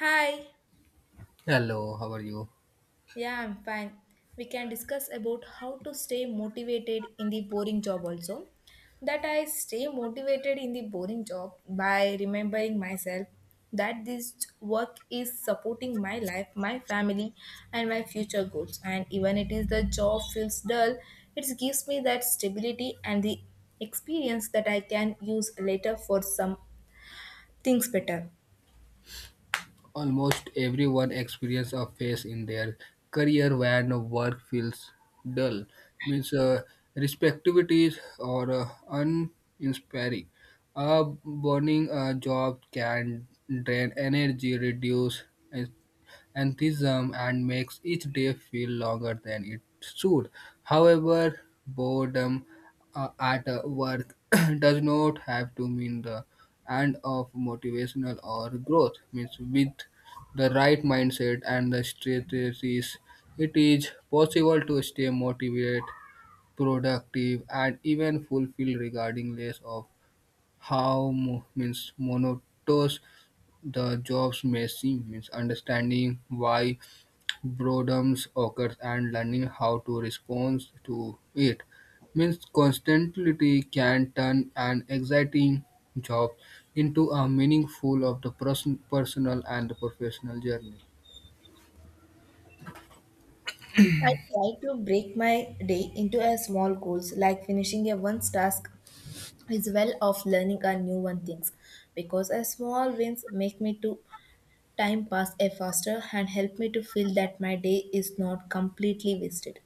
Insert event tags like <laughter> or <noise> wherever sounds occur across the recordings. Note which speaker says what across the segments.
Speaker 1: Hi.
Speaker 2: Hello, how are you?
Speaker 1: Yeah, I'm fine. We can discuss about how to stay motivated in the boring job also. That I stay motivated in the boring job by remembering myself that this work is supporting my life, my family and my future goals. And even it is the job feels dull, it gives me that stability and the experience that I can use later for some things better.
Speaker 2: Almost everyone experiences a phase in their career when work feels dull, means respectivities or uninspiring. A burning job can drain energy, reduce enthusiasm and makes each day feel longer than it should. However, boredom at work <clears throat> does not have to mean the end of motivational or growth. Means with the right mindset and the strategies, it is possible to stay motivated, productive, and even fulfilled regarding less of how means monotonous the jobs may seem means understanding why boredom occurs and learning how to respond to it means constantly can turn an exciting job into a meaningful of the person, personal and the professional journey.
Speaker 1: I try to break my day into a small goals like finishing a one task is well of learning a new one things because a small wins make me to time pass a faster and help me to feel that my day is not completely wasted.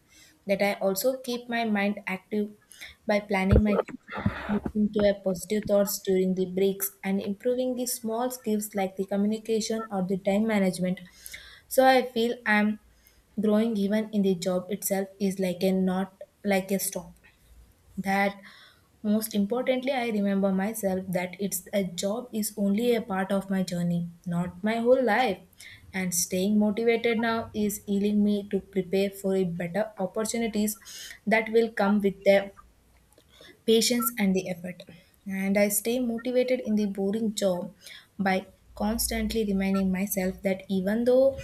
Speaker 1: That I also keep my mind active by planning my future, listening to a positive thoughts during the breaks and improving the small skills like the communication or the time management so I feel I'm growing even in the job itself is like a not like a stop. That most importantly, I remember myself that it's a job is only a part of my journey, not my whole life. And staying motivated now is healing me to prepare for a better opportunities that will come with the patience, and the effort. And I stay motivated in the boring job by constantly reminding myself that even though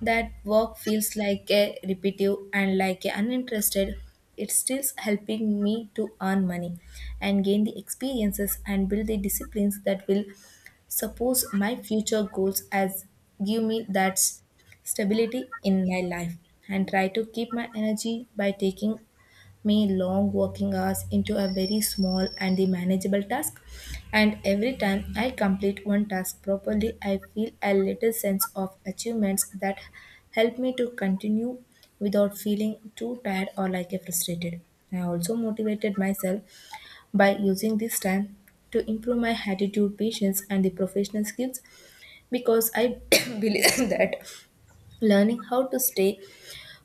Speaker 1: that work feels like a repetitive and like a uninterested, it's still helping me to earn money and gain the experiences and build the disciplines that will support my future goals as give me that stability in my life and try to keep my energy by taking me long working hours into a very small and the manageable task, and every time I complete one task properly I feel a little sense of achievements that help me to continue without feeling too tired or like a frustrated. I also motivated myself by using this time to improve my attitude, patience and the professional skills because I <coughs> believe that learning how to stay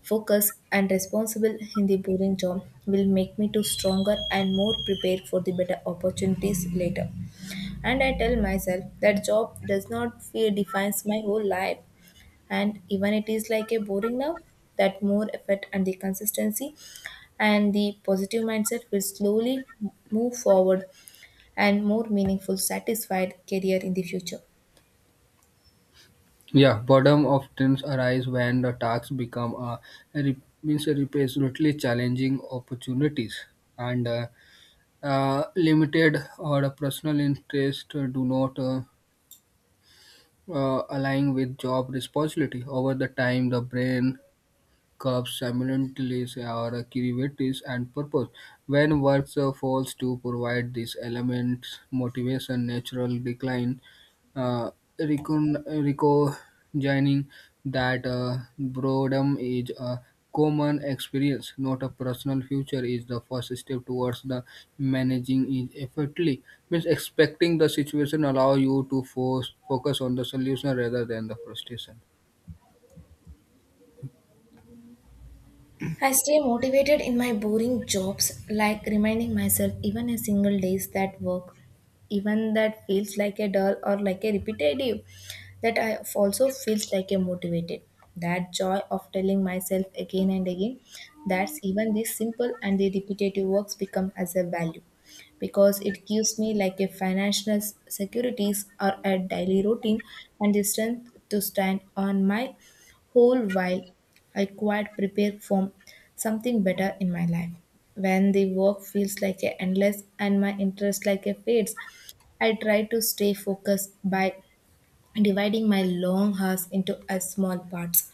Speaker 1: focus and responsible in the boring job will make me to stronger and more prepared for the better opportunities later. And I tell myself that job does not fear defines my whole life, and even it is like a boring now, that more effort and the consistency and the positive mindset will slowly move forward and more meaningful satisfied career in the future.
Speaker 2: Yeah, boredom often arise when the tasks become a re- means a repeatedly challenging opportunities and limited or personal interest do not align with job responsibility. Over the time, the brain cups simultaneously or creativity and purpose. When works fails to provide these elements, motivation natural decline, uh, recognizing that boredom is a common experience, not a personal future, is the first step towards the managing it effectively. Means expecting the situation allow you to force focus on the solution rather than the frustration.
Speaker 1: I stay motivated in my boring jobs, like reminding myself even a single days that work, even that feels like a dull or like a repetitive, that I also feels like a motivated. That joy of telling myself again and again that's even this simple and the repetitive works become as a value because it gives me like a financial securities or a daily routine and the strength to stand on my whole while I quite prepare for something better in my life. When the work feels like a endless and my interest like a fades, I try to stay focused by dividing my long hours into a small parts.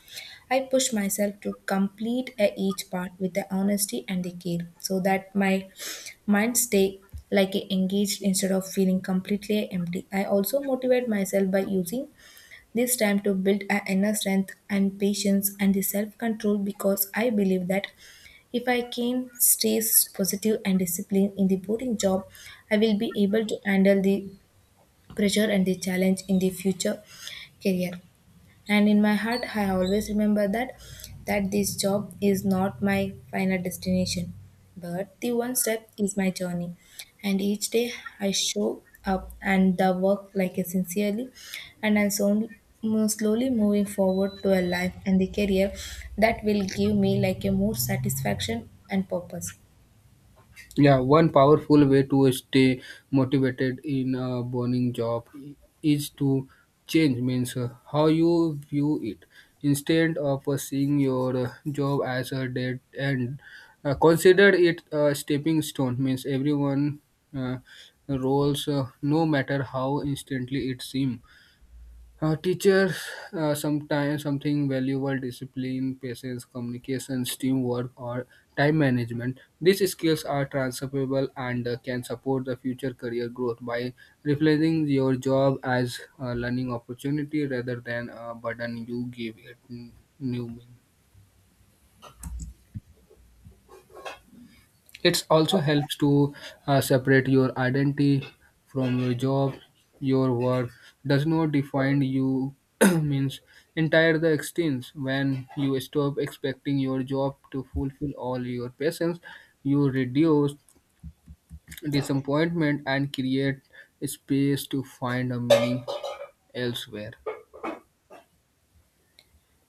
Speaker 1: I push myself to complete a each part with the honesty and the care so that my mind stay like a engaged instead of feeling completely empty. I also motivate myself by using this time to build a inner strength and patience and the self control because I believe that if I can stay positive and disciplined in the boring job, I will be able to handle the pressure and the challenge in the future career. And in my heart I always remember that this job is not my final destination but the one step is my journey, and each day I show up and the work like it sincerely, and I'm so slowly moving forward to a life and the career that will give me like a more satisfaction and purpose.
Speaker 2: Yeah, one powerful way to stay motivated in a burning job is to change means how you view it. Instead of seeing your job as a dead end, consider it a stepping stone. Means everyone uh, rolls, no matter how instantly it seems. Teachers sometimes something valuable discipline patience communications teamwork or time management these skills are transferable and can support the future career growth by reflecting your job as a learning opportunity rather than a burden you give it new meaning. It also helps to separate your identity from your job. Your work does not define you <clears throat> means entire the extent when you stop expecting your job to fulfill all your passions you reduce disappointment and create space to find a meaning elsewhere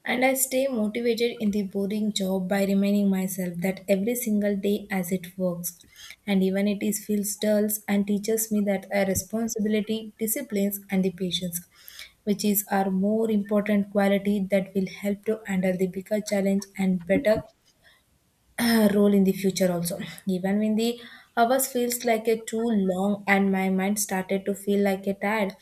Speaker 1: And I stay motivated in the boring job by reminding myself that every single day as it works. And even it is feels dull and teaches me that a responsibility, disciplines and the patience, which is our more important quality that will help to handle the bigger challenge and better role in the future also. Even when the hours feels like a too long and my mind started to feel like a tired,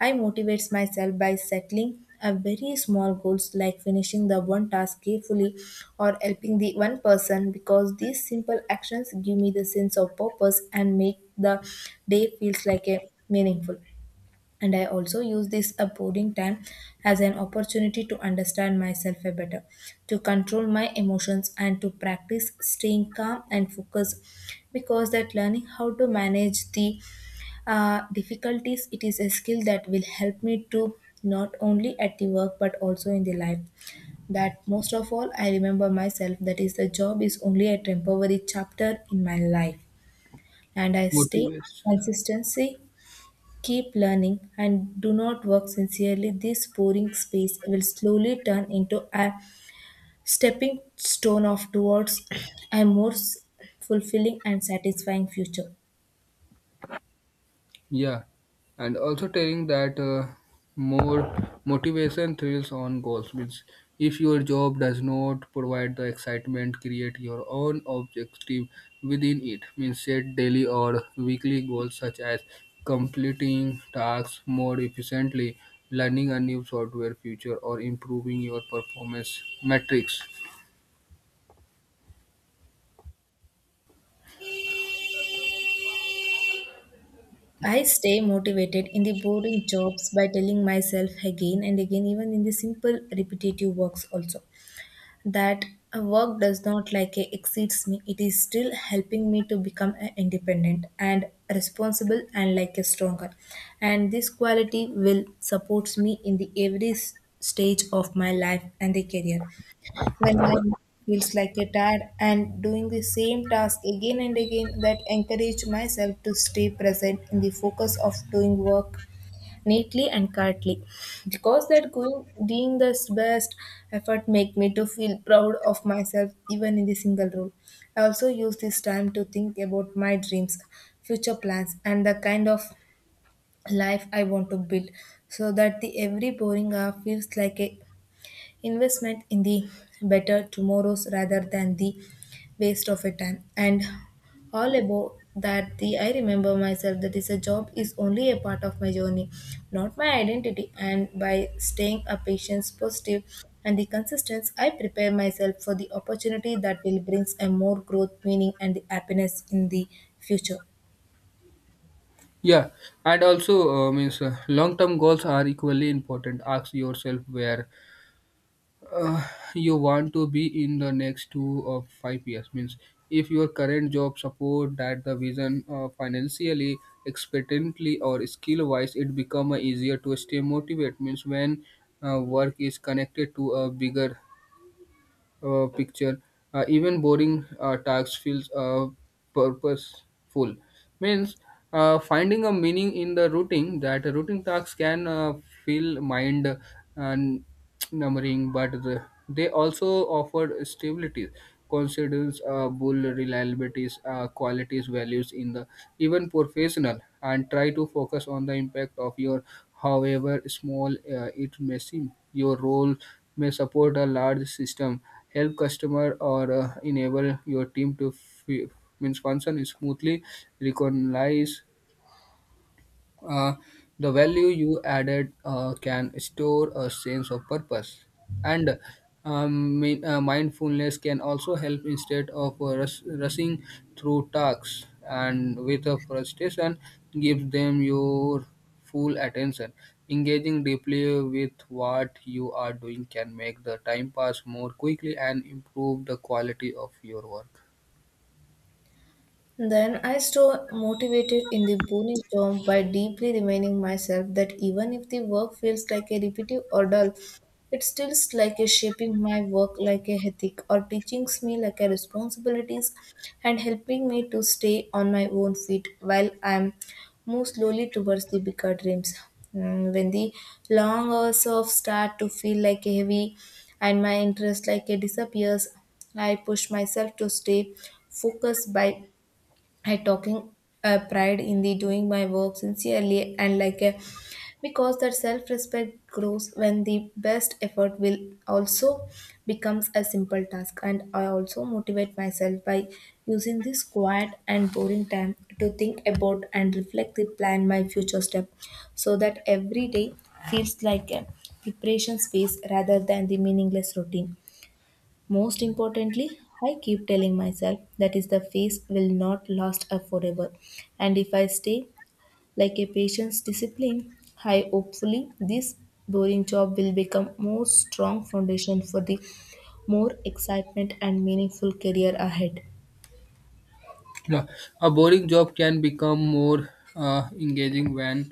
Speaker 1: I motivate myself by settling a very small goals like finishing the one task carefully or helping the one person because these simple actions give me the sense of purpose and make the day feels like a meaningful. And I also use this boarding time as an opportunity to understand myself a better, to control my emotions and to practice staying calm and focused, because that learning how to manage the difficulties it is a skill that will help me to not only at the work but also in the life. That most of all I remember myself that is the job is only a temporary chapter in my life, and I stay
Speaker 2: motivates.
Speaker 1: consistency, keep learning and do not work sincerely. This boring space will slowly turn into a stepping stone of towards <clears throat> a more fulfilling and satisfying future.
Speaker 2: Yeah, and also telling that more motivation thrills on goals means if your job does not provide the excitement, create your own objective within it. Means set daily or weekly goals such as completing tasks more efficiently, learning a new software feature, or improving your performance metrics.
Speaker 1: I stay motivated in the boring jobs by telling myself again and again, even in the simple repetitive works also, that a work does not like a exceeds me. It is still helping me to become a independent and responsible and like a stronger. And this quality will supports me in the every stage of my life and the career. When time feels like a tired and doing the same task again and again, that encourage myself to stay present in the focus of doing work neatly and correctly. Because that going doing the best effort make me to feel proud of myself even in the single role. I also use this time to think about my dreams, future plans, and the kind of life I want to build so that the every boring hour feels like a investment in the better tomorrows rather than the waste of a time. And all about that the I remember myself that is a job is only a part of my journey, not my identity, and by staying a patient, positive, and the consistency I prepare myself for the opportunity that will brings a more growth meaning and the happiness in the future.
Speaker 2: Yeah, and also means long-term goals are equally important. Ask yourself where uh, you want to be in the next 2 or 5 years means if your current job support that the vision financially expectantly or skill wise it become easier to stay motivated means when work is connected to a bigger picture. Even boring tasks feels purposeful. Means finding a meaning in the routine that a routine task can feel mind n- numbering, but the, they also offer stability, considers bull reliabilities, qualities, values in the even professional, and try to focus on the impact of your, however small it may seem. Your role may support a large system help customer or enable your team to means function smoothly recognize uh, the value you added can store a sense of purpose, and mindfulness can also help instead of rushing through tasks and with a frustration gives them your full attention. Engaging deeply with what you are doing can make the time pass more quickly and improve the quality of your work.
Speaker 1: Then I stay motivated in the boring job by deeply reminding myself that even if the work feels like a repetitive or dull, it still is like a shaping my work like a ethic or teaching me like a responsibilities and helping me to stay on my own feet while I'm move slowly towards the bigger dreams. Mm, when the long hours of start to feel like a heavy and my interest like a disappears, I push myself to stay focused by I talking a pride in the doing my work sincerely and like a, because that self respect grows when the best effort will also becomes a simple task. And I also motivate myself by using this quiet and boring time to think about and reflect the plan my future step so that every day feels like a preparation space rather than the meaningless routine. Most importantly, I keep telling myself that is the phase will not last forever. And if I stay like a patient's discipline, I hopefully this boring job will become more strong foundation for the more excitement and meaningful career ahead.
Speaker 2: Yeah. A boring job can become more engaging when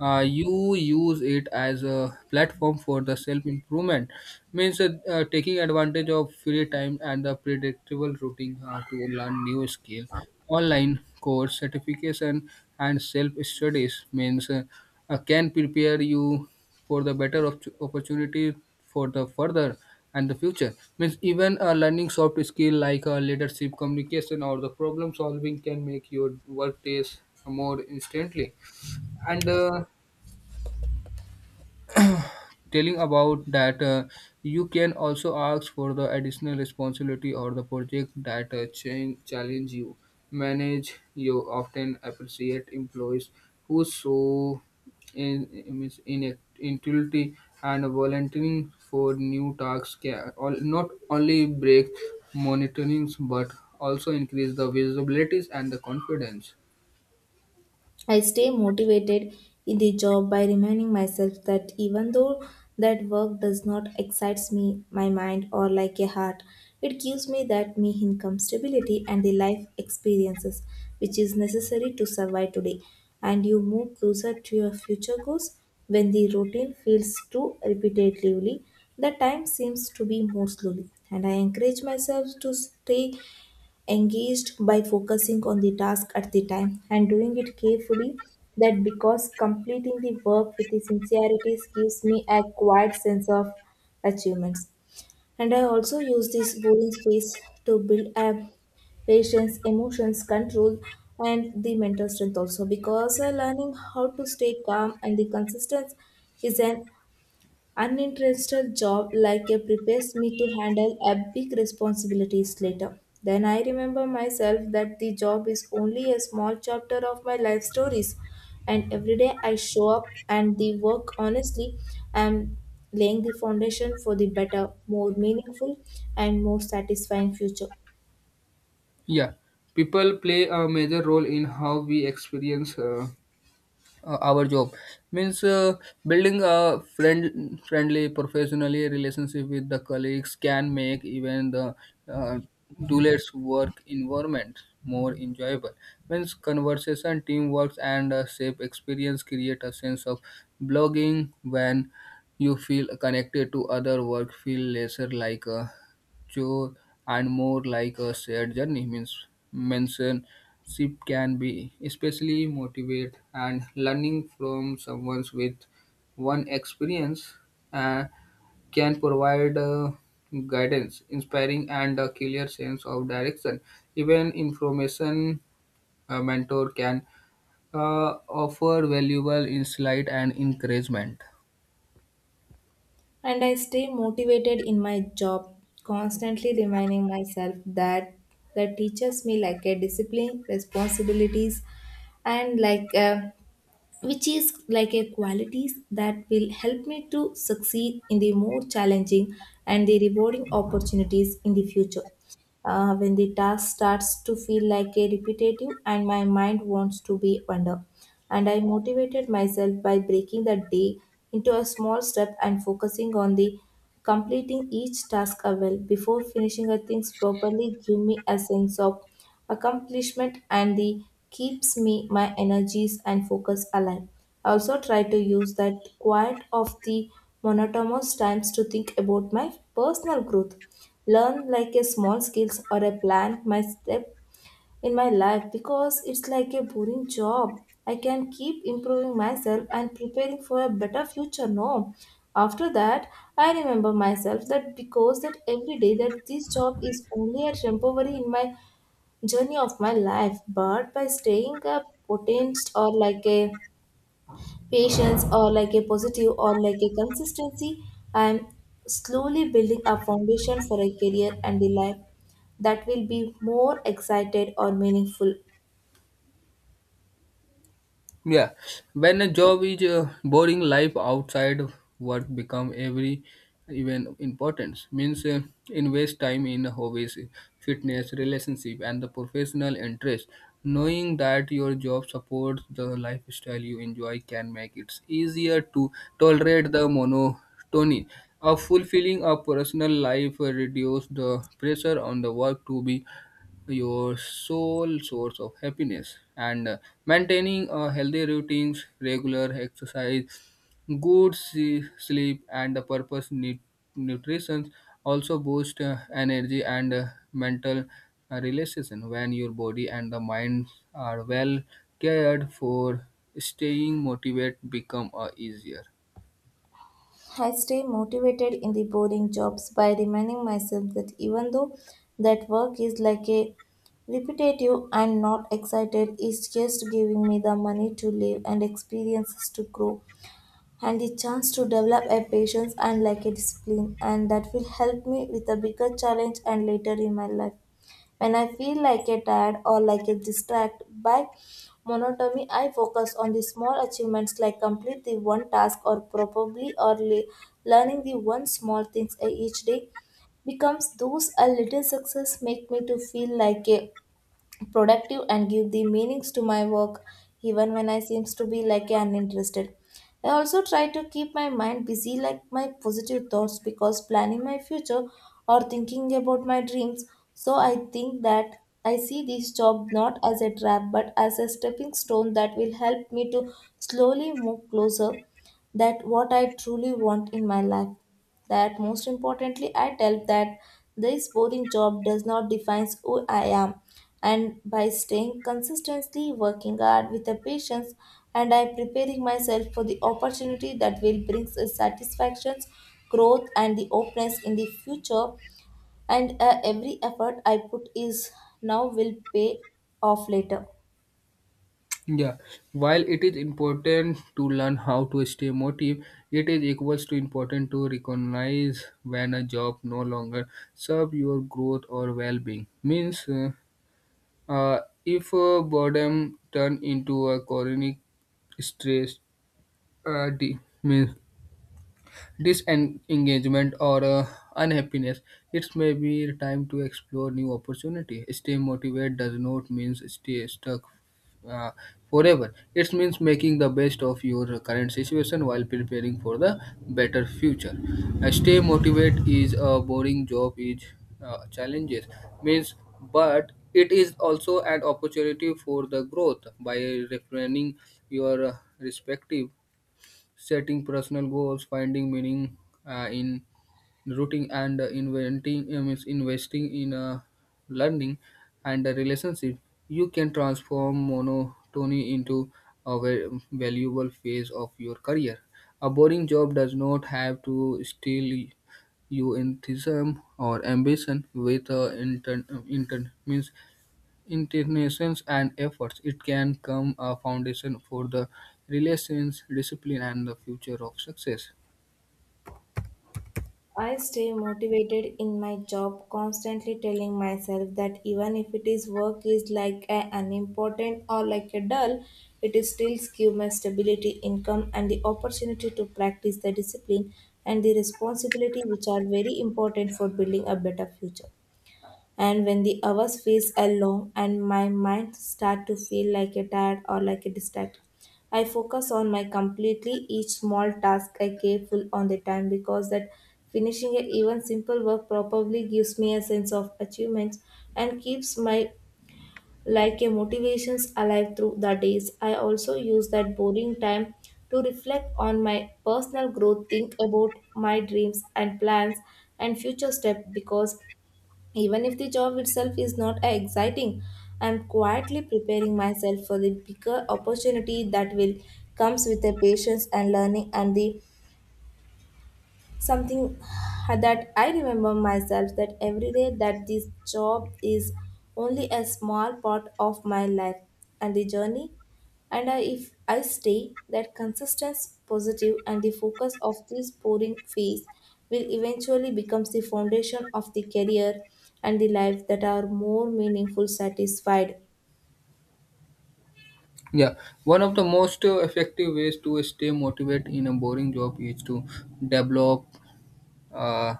Speaker 2: you use it as a platform for the self improvement means taking advantage of free time and the predictable routine to learn new skill online course certification and self studies means can prepare you for the better opportunity for the further and the future means even learning soft skill like leadership communication or the problem solving can make your work days more instantly and telling about that you can also ask for the additional responsibility or the project that challenge you manage you often appreciate employees who show in intuitivity and volunteering for new tasks can all, not only break monitorings but also increase the visibilities and the confidence.
Speaker 1: I stay motivated in the job by reminding myself that even though that work does not excites me, my mind or like a heart, it gives me that me income stability and the life experiences which is necessary to survive today. And you move closer to your future goals when the routine feels too repetitively. The time seems to be more slowly, and I encourage myself to stay engaged by focusing on the task at the time and doing it carefully, that because completing the work with the sincerity gives me a quiet sense of achievements. And I also use this boring space to build a patience, emotions control and the mental strength also because learning how to stay calm and the consistent is an uninterested job like a prepares me to handle a big responsibilities later. Then I remember myself that the job is only a small chapter of my life stories, and every day I show up and the work honestly, I'm laying the foundation for the better, more meaningful, and more satisfying future.
Speaker 2: Yeah, people play a major role in how we experience our job means building a friendly professionally relationship with the colleagues can make even the uh, doulas work environment more enjoyable means conversation teamwork and a safe experience create a sense of blogging when you feel connected to other work feel lesser like a chore and more like a shared journey. Means mentorship can be especially motivate and learning from someone with one experience uh, can provide guidance, inspiring and a clear sense of direction. Even information a mentor can offer valuable insight and encouragement.
Speaker 1: And I stay motivated in my job, constantly reminding myself that that teaches me like a discipline, responsibilities, and like a, which is like a qualities that will help me to succeed in the more challenging and the rewarding opportunities in the future. When the task starts to feel like a repetitive and my mind wants to be under. And I motivated myself by breaking the day into a small step and focusing on the completing each task a well before finishing a things properly give me a sense of accomplishment and the keeps me my energies and focus alive. I also try to use that quiet of the monotonous times to think about my personal growth learn like a small skills or a plan my step in my life because it's like a boring job. I can keep improving myself and preparing for a better future. No, after that, I remember myself that because that every day that this job is only a temporary in my journey of my life, but by staying a potent or like a patience or like a positive or like a consistency, I'm slowly building a foundation for a career and a life that will be more excited or meaningful.
Speaker 2: Yeah, when a job is boring, life outside of work become every even importance. Means invest time in hobbies, fitness, relationship, and the professional interest. Knowing that your job supports the lifestyle you enjoy can make it easier to tolerate the monotony. A fulfilling a personal life reduce the pressure on the work to be your sole source of happiness and maintaining a healthy routines regular exercise good sleep and the purpose nutrition also boost energy and mental relaxation when your body and the mind are well cared for staying motivated become easier.
Speaker 1: I stay motivated in the boring jobs by reminding myself that even though that work is like a repetitive and not excited, it's just giving me the money to live and experiences to grow and the chance to develop a patience and like a discipline and that will help me with a bigger challenge and later in my life. When I feel like a tired or like a distracted by monotony, I focus on the small achievements like complete the one task or probably or learning the one small things each day. Becomes those a little success make me to feel like a productive and give the meanings to my work even when I seems to be like uninterested. I also try to keep my mind busy like my positive thoughts because planning my future or thinking about my dreams. So I think that I see this job not as a trap but as a stepping stone that will help me to slowly move closer that what I truly want in my life. That most importantly I tell that this boring job does not define who I am, and by staying consistently working hard with a patience and I preparing myself for the opportunity that will bring satisfactions, growth and the openness in the future. And every effort I put is now will pay off later.
Speaker 2: Yeah, while it is important to learn how to stay motivated, it is equals to important to recognize when a job no longer serve your growth or well-being. Uh, if boredom turn into a chronic stress, means disengagement or unhappiness, it may be time to explore new opportunity. Stay motivated does not mean stay stuck uh, forever. It means making the best of your current situation while preparing for the better future. Stay motivated is a boring job is challenges means, but it is also an opportunity for the growth by refining your respective setting personal goals, finding meaning in routine, and inventing means investing in learning and a relationship. You can transform monotony into a valuable phase of your career. A boring job does not have to steal your enthusiasm or ambition with intern, intern means intentions and efforts, it can come a foundation for the relations, discipline, and the future of success.
Speaker 1: I stay motivated in my job, constantly telling myself that even if it is work is like a unimportant or like a dull, it is still give my stability, income, and the opportunity to practice the discipline and the responsibility, which are very important for building a better future. And when the hours feels are long and my mind start to feel like a tired or like a distracted, I focus on my completely each small task I careful on the time because that finishing a even simple work probably gives me a sense of achievement and keeps my like a motivations alive through the days. I also use that boring time to reflect on my personal growth, think about my dreams and plans and future step because even if the job itself is not exciting, I'm quietly preparing myself for the bigger opportunity that will comes with the patience and learning and the something. That I remember myself that every day that this job is only a small part of my life and the journey, and if I stay that consistent, positive and the focus of this pouring phase will eventually becomes the foundation of the career and the life that are more meaningful satisfied.
Speaker 2: Yeah, one of the most effective ways to stay motivated in a boring job is to develop. Uh,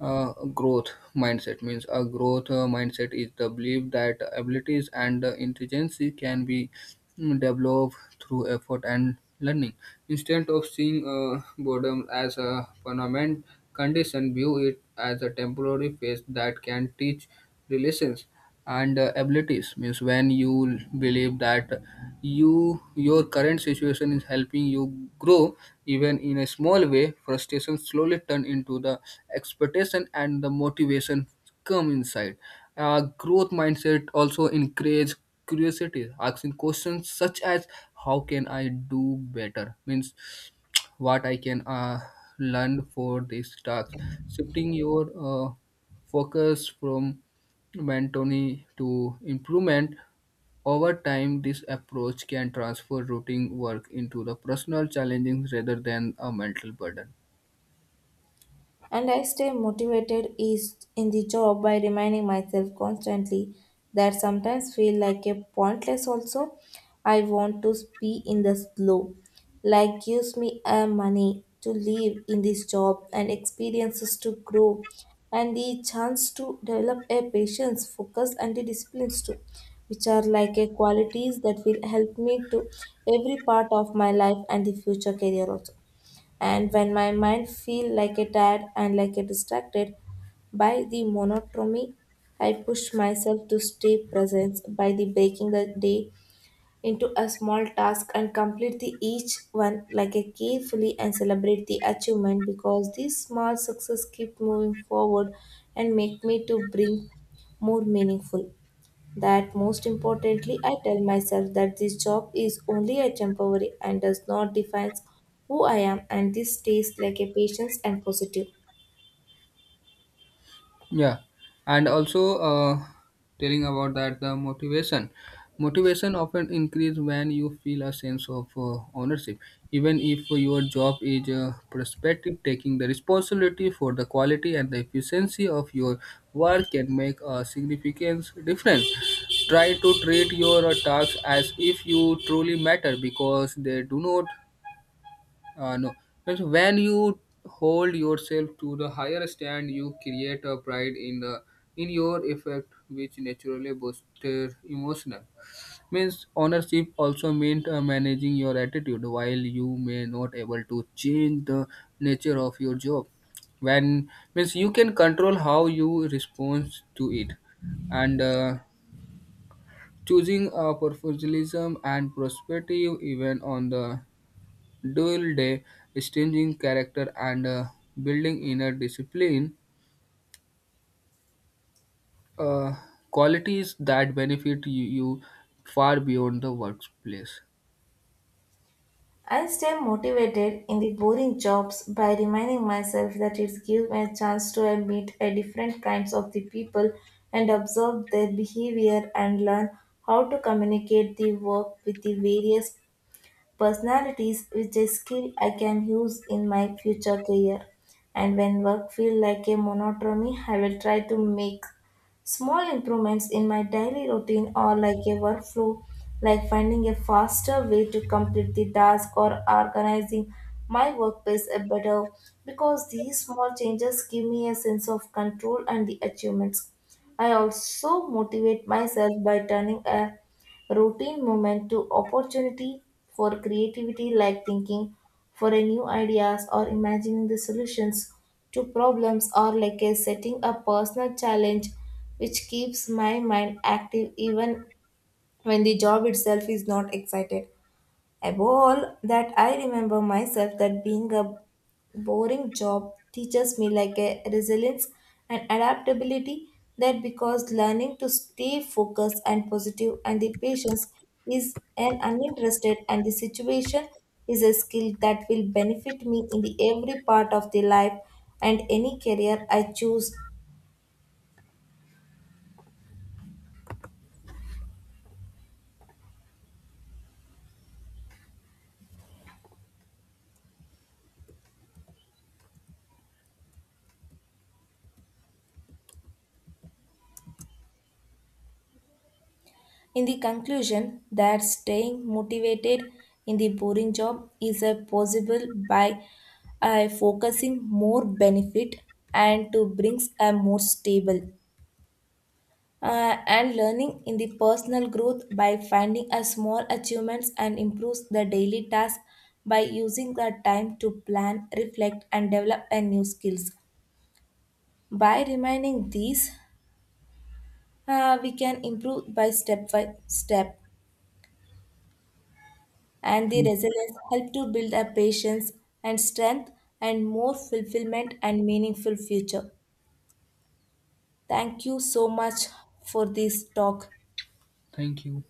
Speaker 2: Growth mindset means a growth mindset is the belief that abilities and intelligence can be developed through effort and learning instead of seeing boredom as a permanent condition view it as a temporary phase that can teach relations and abilities means when you believe that you your current situation is helping you grow even in a small way frustration slowly turn into the expectation and the motivation come inside growth mindset also encourage curiosity asking questions such as how can I do better means what I can learn for this task shifting your focus from Bantoni to improvement. Over time, this approach can transfer routine work into the personal challenges rather than a mental burden.
Speaker 1: And I stay motivated is in the job by reminding myself constantly that sometimes feel like a pointless also. I want to be in the flow. Like gives me a money to live in this job and experiences to grow and the chance to develop a patience, focus and the disciplines too, which are like a qualities that will help me to every part of my life and the future career also. And when my mind feel like a tired and like a distracted by the monotony, I push myself to stay present by the breaking the day into a small task and complete the each one like a carefully and celebrate the achievement because these small success keep moving forward and make me to bring more meaningful. That most importantly I tell myself that this job is only a temporary and does not define who I am, and this stays like a patience and positive.
Speaker 2: Yeah, and also telling about that the motivation often increase when you feel a sense of ownership even if your job is prospective taking the responsibility for the quality and the efficiency of your work can make a significant difference try to treat your tasks as if you truly matter because they do not no, but when you hold yourself to the higher stand, you create a pride in the in your effect, which naturally boosts their emotional. Means ownership also means managing your attitude. While you may not able to change the nature of your job, when means you can control how you respond to it, and choosing a professionalism and perspective even on the Dual day distinguishing character and building inner discipline, uh, qualities that benefit you, you far beyond the workplace.
Speaker 1: I stay motivated in the boring jobs by reminding myself that it gives me a chance to meet a different kinds of the people and observe their behavior and learn how to communicate the work with the various personalities which is skill I can use in my future career. And when work feel like a monotony, I will try to make small improvements in my daily routine or like a workflow, like finding a faster way to complete the task or organizing my workplace a better because these small changes give me a sense of control and the achievements. I also motivate myself by turning a routine movement to opportunity for creativity like thinking for a new ideas or imagining the solutions to problems or like a setting a personal challenge which keeps my mind active even when the job itself is not excited. Above all that, I remember myself that being a boring job teaches me like a resilience and adaptability that because learning to stay focused and positive and the patience is an uninterested and the situation is a skill that will benefit me in the every part of the life and any career I choose. In the conclusion, that staying motivated in the boring job is a possible by focusing more benefit and to brings a more stable. And learning in the personal growth by finding a small achievements and improves the daily task, by using the time to plan reflect and develop a new skills, by remaining these we can improve by step and the
Speaker 2: Thank you.
Speaker 1: resilience help to build a patience and strength and more fulfillment and meaningful future. Thank you so much for this talk.
Speaker 2: Thank you.